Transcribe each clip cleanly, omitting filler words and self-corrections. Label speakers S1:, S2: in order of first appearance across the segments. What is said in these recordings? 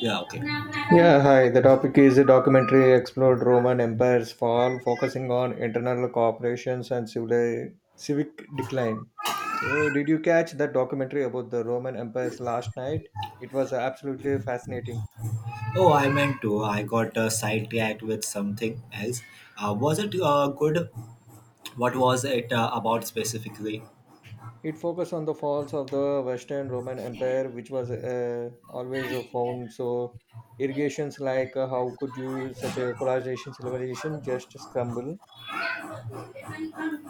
S1: Yeah, okay.
S2: Yeah, hi. The topic is the documentary explored Roman Empire's fall, focusing on internal cooperations and civil civic decline. So, did you catch that documentary about the Roman Empire's last night? It was absolutely fascinating.
S1: Oh, I meant to. I got sidetracked with something else. Was it good? What was it about specifically?
S2: It focused on the falls of the Western Roman Empire, which was always found so irrigations like how could you such a colonization civilization just crumble.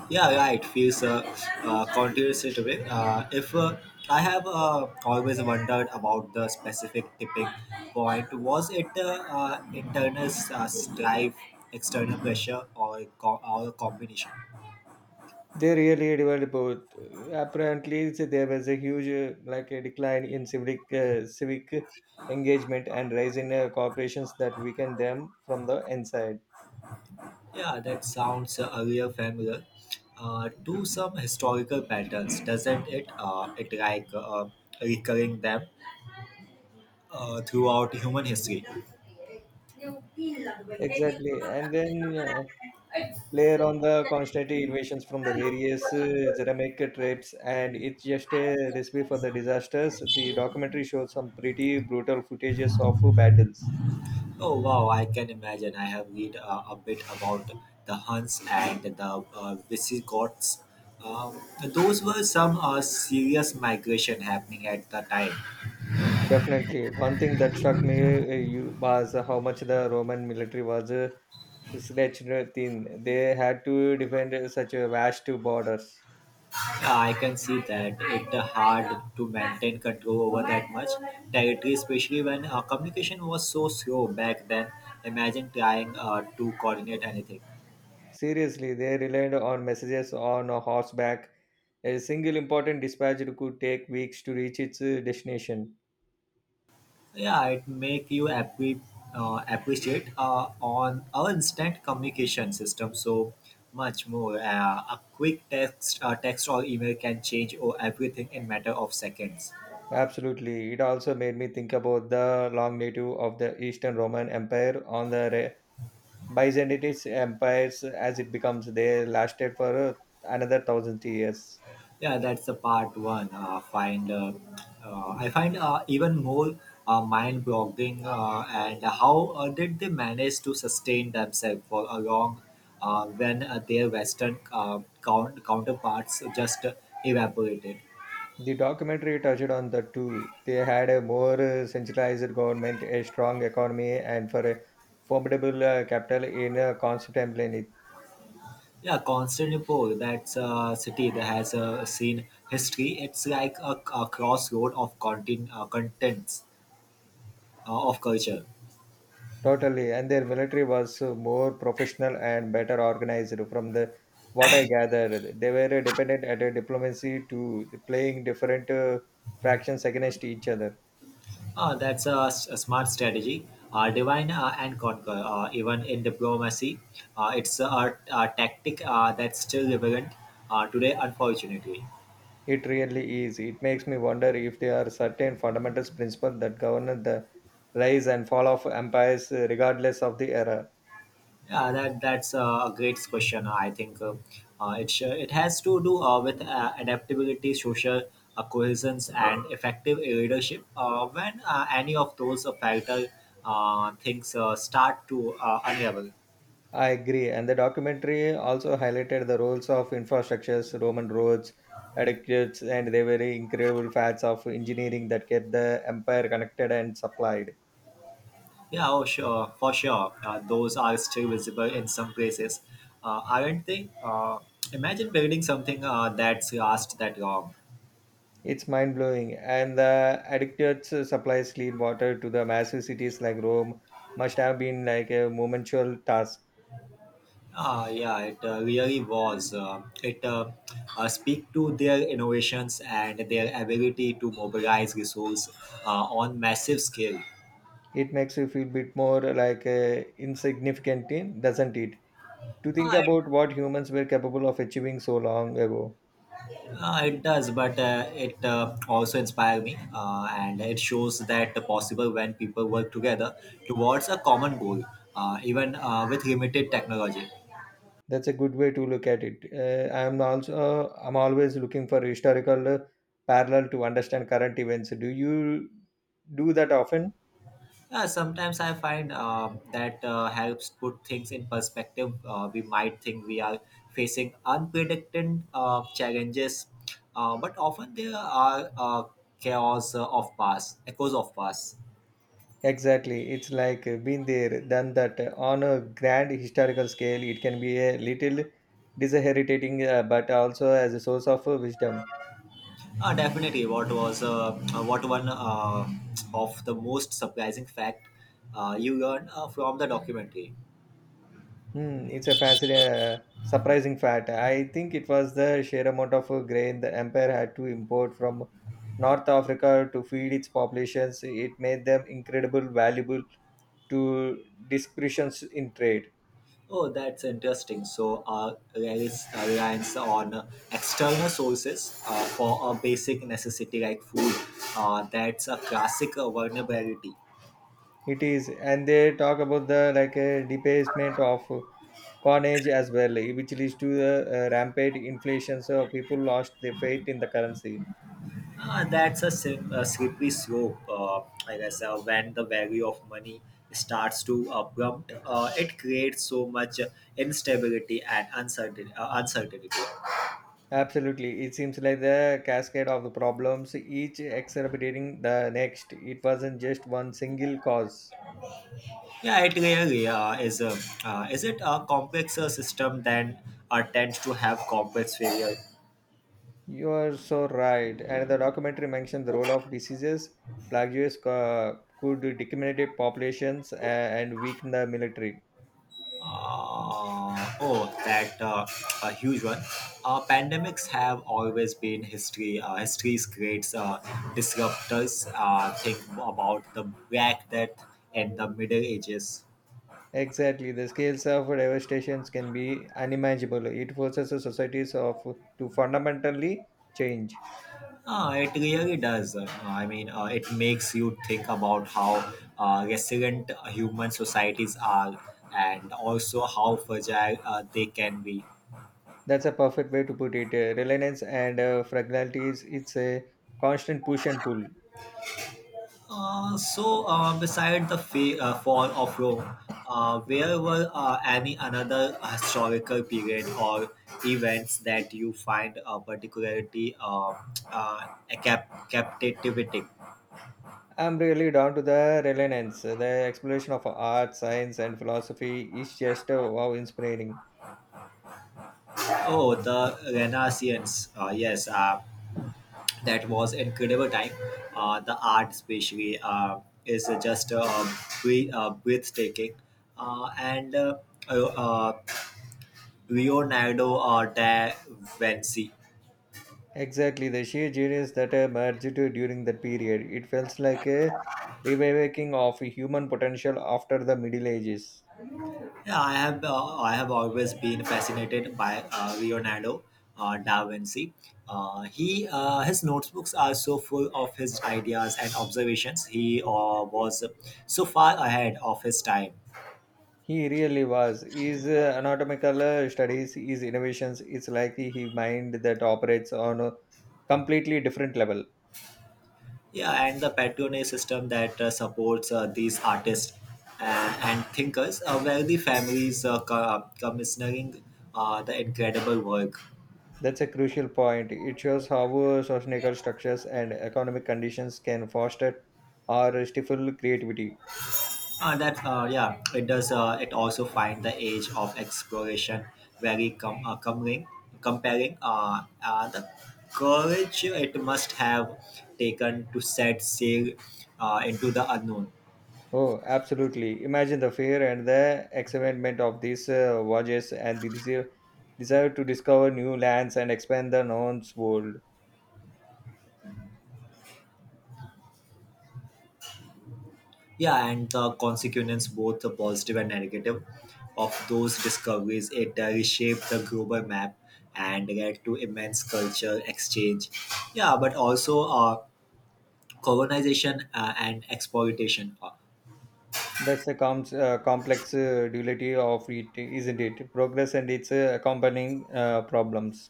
S1: Yeah, yeah, it feels continuous in a way. If I have always wondered about the specific tipping point, was it internal strife, external pressure, or a combination?
S2: They really developed both. Apparently, so there was a huge like a decline in civic civic engagement and rise in corporations that weaken them from the inside.
S1: Yeah, that sounds real familiar to some historical patterns, doesn't it? It like recurring them throughout human history.
S2: Exactly, and then layer on the constant invasions from the various ceramic tribes, and it's just a recipe for the disasters. The documentary showed some pretty brutal footages of battles.
S1: Oh wow, I can imagine. I have read a bit about the Huns and the Visigoths. Those were some serious migration happening at the time.
S2: Definitely, one thing that struck me you, was how much the Roman military was stretched thin. They had to defend such a vast borders.
S1: I can see that it's hard to maintain control over that much territory, especially when communication was so slow back then. Imagine trying to coordinate anything.
S2: Seriously, they relied on messages on horseback. A single important dispatch could take weeks to reach its destination.
S1: Yeah, it make you appreciate on our instant communication system so much more. A quick text or email can change or everything in matter of seconds.
S2: Absolutely. It also made me think about the long native of the Eastern Roman Empire on the Byzantine empires as it becomes. They lasted for another thousand years.
S1: Yeah, that's the part one. Find I find even more mind-boggling and how did they manage to sustain themselves for a long when their Western counterparts just evaporated?
S2: The documentary touched on the two. They had a more centralized government, a strong economy, and for a formidable capital in Constantinople.
S1: Yeah, Constantinople, that's a city that has seen history. It's like a crossroad of contents of culture.
S2: Totally, and their military was more professional and better organized. From the what I gathered, they were dependent at a diplomacy to playing different fractions against each other.
S1: That's a smart strategy. Divine and conquer, even in diplomacy, it's a tactic that's still relevant today, unfortunately.
S2: It really is. It makes me wonder if there are certain fundamental principles that govern the rise and fall of empires, regardless of the era.
S1: Yeah, that's a great question. I think it has to do with adaptability, social cohesion, and effective leadership. When any of those factor things start to unravel.
S2: I agree. And the documentary also highlighted the roles of infrastructures, Roman roads, aqueducts, and the very incredible facts of engineering that kept the empire connected and supplied.
S1: Yeah, oh sure, for sure. Those are still visible in some places, aren't they? Imagine building something that's last that long.
S2: It's mind blowing. And the aqueducts supplies clean water to the massive cities like Rome must have been like a momentous task.
S1: Ah, yeah, it really was. It speak to their innovations and their ability to mobilize resources on massive scale.
S2: It makes you feel bit more like insignificant, doesn't it? To
S1: Uh,
S2: think about what humans were capable of achieving so long ago.
S1: It does, but it also inspires me, and it shows that the possible when people work together towards a common goal, even with limited technology.
S2: That's a good way to look at it. I'm always looking for historical parallel to understand current events. Do you do that often?
S1: Sometimes I find that helps put things in perspective. We might think we are facing unpredicted challenges, but often there are chaos of past, echoes of past.
S2: Exactly. It's like been there, done that. On a grand historical scale, it can be a little disheartening, but also as a source of wisdom.
S1: Definitely, what one of the most surprising fact you learned from the documentary?
S2: Hmm, it's a fascinating, surprising fact. I think it was the sheer amount of grain the empire had to import from North Africa to feed its populations. It made them incredible valuable to discretions in trade.
S1: Oh, that's interesting. So, there is a reliance on external sources for a basic necessity like food. That's a classic vulnerability.
S2: It is, and they talk about the like debasement of coinage as well, which leads to the rampant inflation. So people lost their faith in the currency.
S1: That's a slippery slope, like I guess. When the value of money starts to abrupt, it creates so much instability and uncertainty.
S2: Absolutely. It seems like the cascade of the problems, each exacerbating the next. It wasn't just one single cause.
S1: Yeah, it really is. Is it a complexer system than tends to have complex failure?
S2: You are so right. And the documentary mentioned the role of diseases. Plagues could decimate populations and weaken the military.
S1: Oh, that a huge one. Pandemics have always been history. History's great disruptors. Think about the Black Death and the Middle Ages.
S2: Exactly. The scales of devastations can be unimaginable. It forces the societies of to fundamentally change.
S1: It really does. I mean, it makes you think about how resilient human societies are, and also how fragile they can be.
S2: That's a perfect way to put it. Reliance and fragility is it's a constant push and pull.
S1: So, beside the fall of Rome, where were any another historical period or events that you find particularly uh, captivating?
S2: I'm really down to the relevance. The exploration of art, science, and philosophy is just wow inspiring.
S1: Oh, the Renaissance. Yes, that was incredible time. The art, especially, is just breathtaking. And uh, uh, Leonardo da Vinci.
S2: Exactly, the sheer genius that emerged during that period. It feels like a reawakening of human potential after the Middle Ages.
S1: Yeah, I have always been fascinated by Leonardo da Vinci. He His notebooks are so full of his ideas and observations. He was so far ahead of his time.
S2: He really was. His anatomical studies, his innovations, it's like he mind that operates on a completely different level.
S1: Yeah, and the patronage system that supports these artists and thinkers, where the families commissioning the incredible work.
S2: That's a crucial point. It shows how societal structures and economic conditions can foster or stifle creativity.
S1: That Yeah. It does. It also find the age of exploration very comparing the courage it must have taken to set sail into the unknown.
S2: Oh, absolutely. Imagine the fear and the excitement of these voyages and the desire to discover new lands and expand the known world.
S1: Yeah, and the consequence, both the positive and negative, of those discoveries, it reshaped the global map and led to immense cultural exchange. Yeah, but also colonization and exploitation.
S2: That's the complex duality of it, isn't it? Progress and its accompanying problems.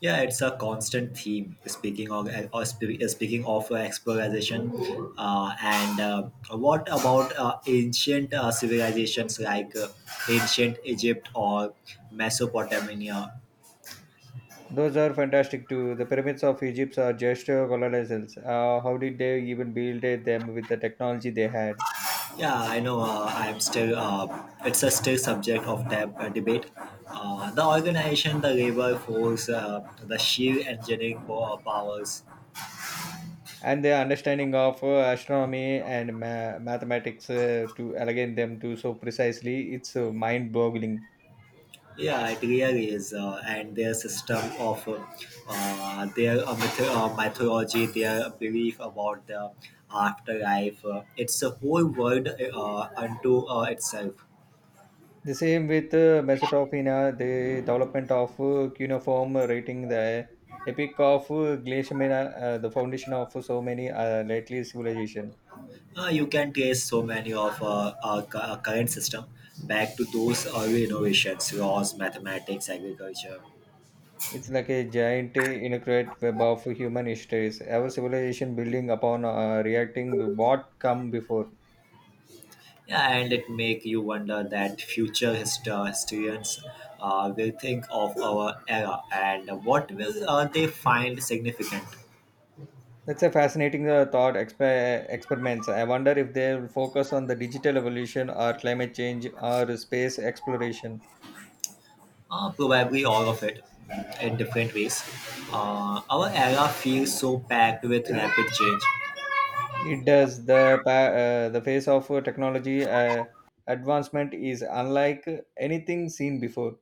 S1: Yeah, it's a constant theme. Speaking of exploration, and what about ancient civilizations like ancient Egypt or Mesopotamia?
S2: Those are fantastic too. The pyramids of Egypt are just colossals. How did they even build them with the technology they had?
S1: Yeah, I know. I'm still. It's a still subject of debate. The organization, the labor force, the sheer engineering powers.
S2: And their understanding of astronomy and mathematics to align them to so precisely, it's mind boggling.
S1: Yeah, it really is, and their system of their mythology, their belief about the afterlife. It's a whole world unto itself.
S2: The same with Mesopotamia, the development of cuneiform writing, the epic of Glaciamina, the foundation of so many lately civilization.
S1: You can trace so many of our current system back to those early innovations, laws, mathematics, agriculture.
S2: It's like a giant, intricate web of human histories. Our civilization building upon reacting to what come before.
S1: Yeah, and it make you wonder that future historians will think of our era and what will they find significant.
S2: That's a fascinating thought experiments. I wonder if they will focus on the digital evolution or climate change or space exploration.
S1: Probably all of it in different ways. Our era feels so packed with rapid change.
S2: It does the the face of technology advancement is unlike anything seen before.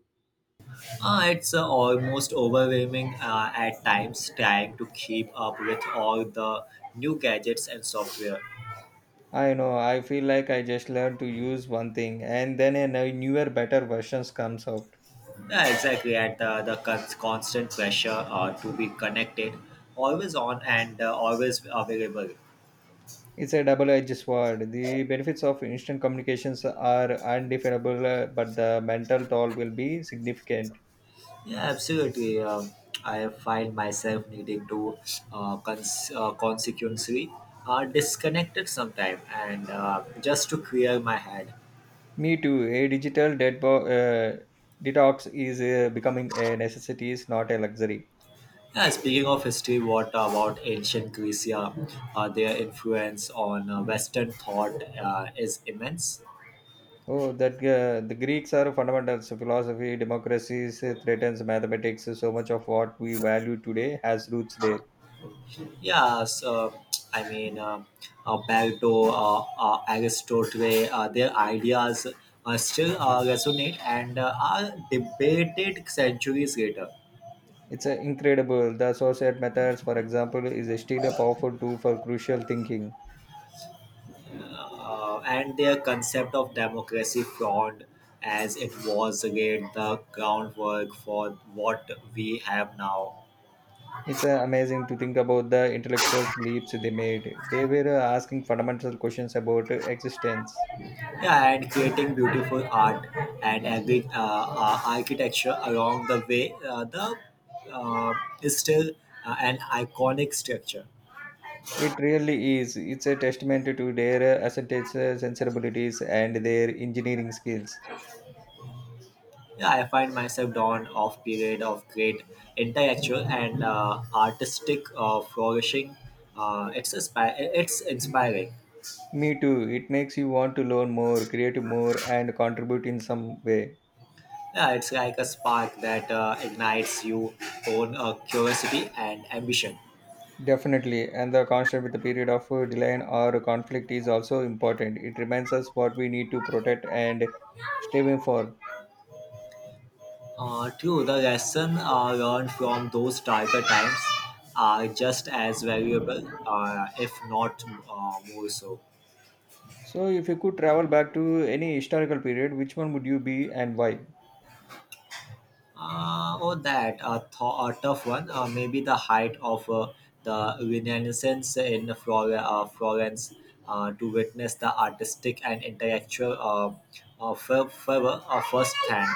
S1: It's almost overwhelming at times trying to keep up with all the new gadgets and software.
S2: I know. I feel like I just learned to use one thing, and then a newer, better versions comes out.
S1: Yeah, exactly. And the constant pressure to be connected, always on and always available.
S2: It's a double-edged sword. The benefits of instant communications are undefinable, but the mental toll will be significant.
S1: Yeah, absolutely. I have find myself needing to consequently disconnected sometime and just to clear my head.
S2: Me too. A digital detox is becoming a necessity, it's not a luxury.
S1: Yeah, speaking of history, what about ancient Greece? Yeah, their influence on Western thought is immense.
S2: Oh, that the Greeks are fundamentals. Philosophy, democracies, threatens mathematics. So much of what we value today has roots there.
S1: Yeah, so I mean, Plato, Aristotle, their ideas still resonate and are debated centuries later.
S2: It's incredible. The associate methods, for example, is still a powerful tool for crucial thinking.
S1: And their concept of democracy fraud as it was laid the groundwork for what we have now.
S2: It's amazing to think about the intellectual leaps they made. They were asking fundamental questions about existence.
S1: Yeah, and creating beautiful art and architecture along the way. The uh, is still an iconic structure.
S2: It really is. It's a testament to their aesthetic sensibilities and their engineering skills.
S1: Yeah, I find myself drawn off period of great intellectual and artistic flourishing. uh, it's, inspi- it's inspiring.
S2: Me too. It makes you want to learn more, create more, and contribute in some way.
S1: Yeah, it's like a spark that ignites your own curiosity and ambition.
S2: Definitely. And the constant with the period of delay or conflict is also important. It reminds us what we need to protect and strive for.
S1: True, the lesson learned from those darker times are just as valuable, if not more so.
S2: So, if you could travel back to any historical period, which one would you be and why?
S1: Oh, a tough one. Maybe the height of the Renaissance in Florence to witness the artistic and intellectual fervor firsthand.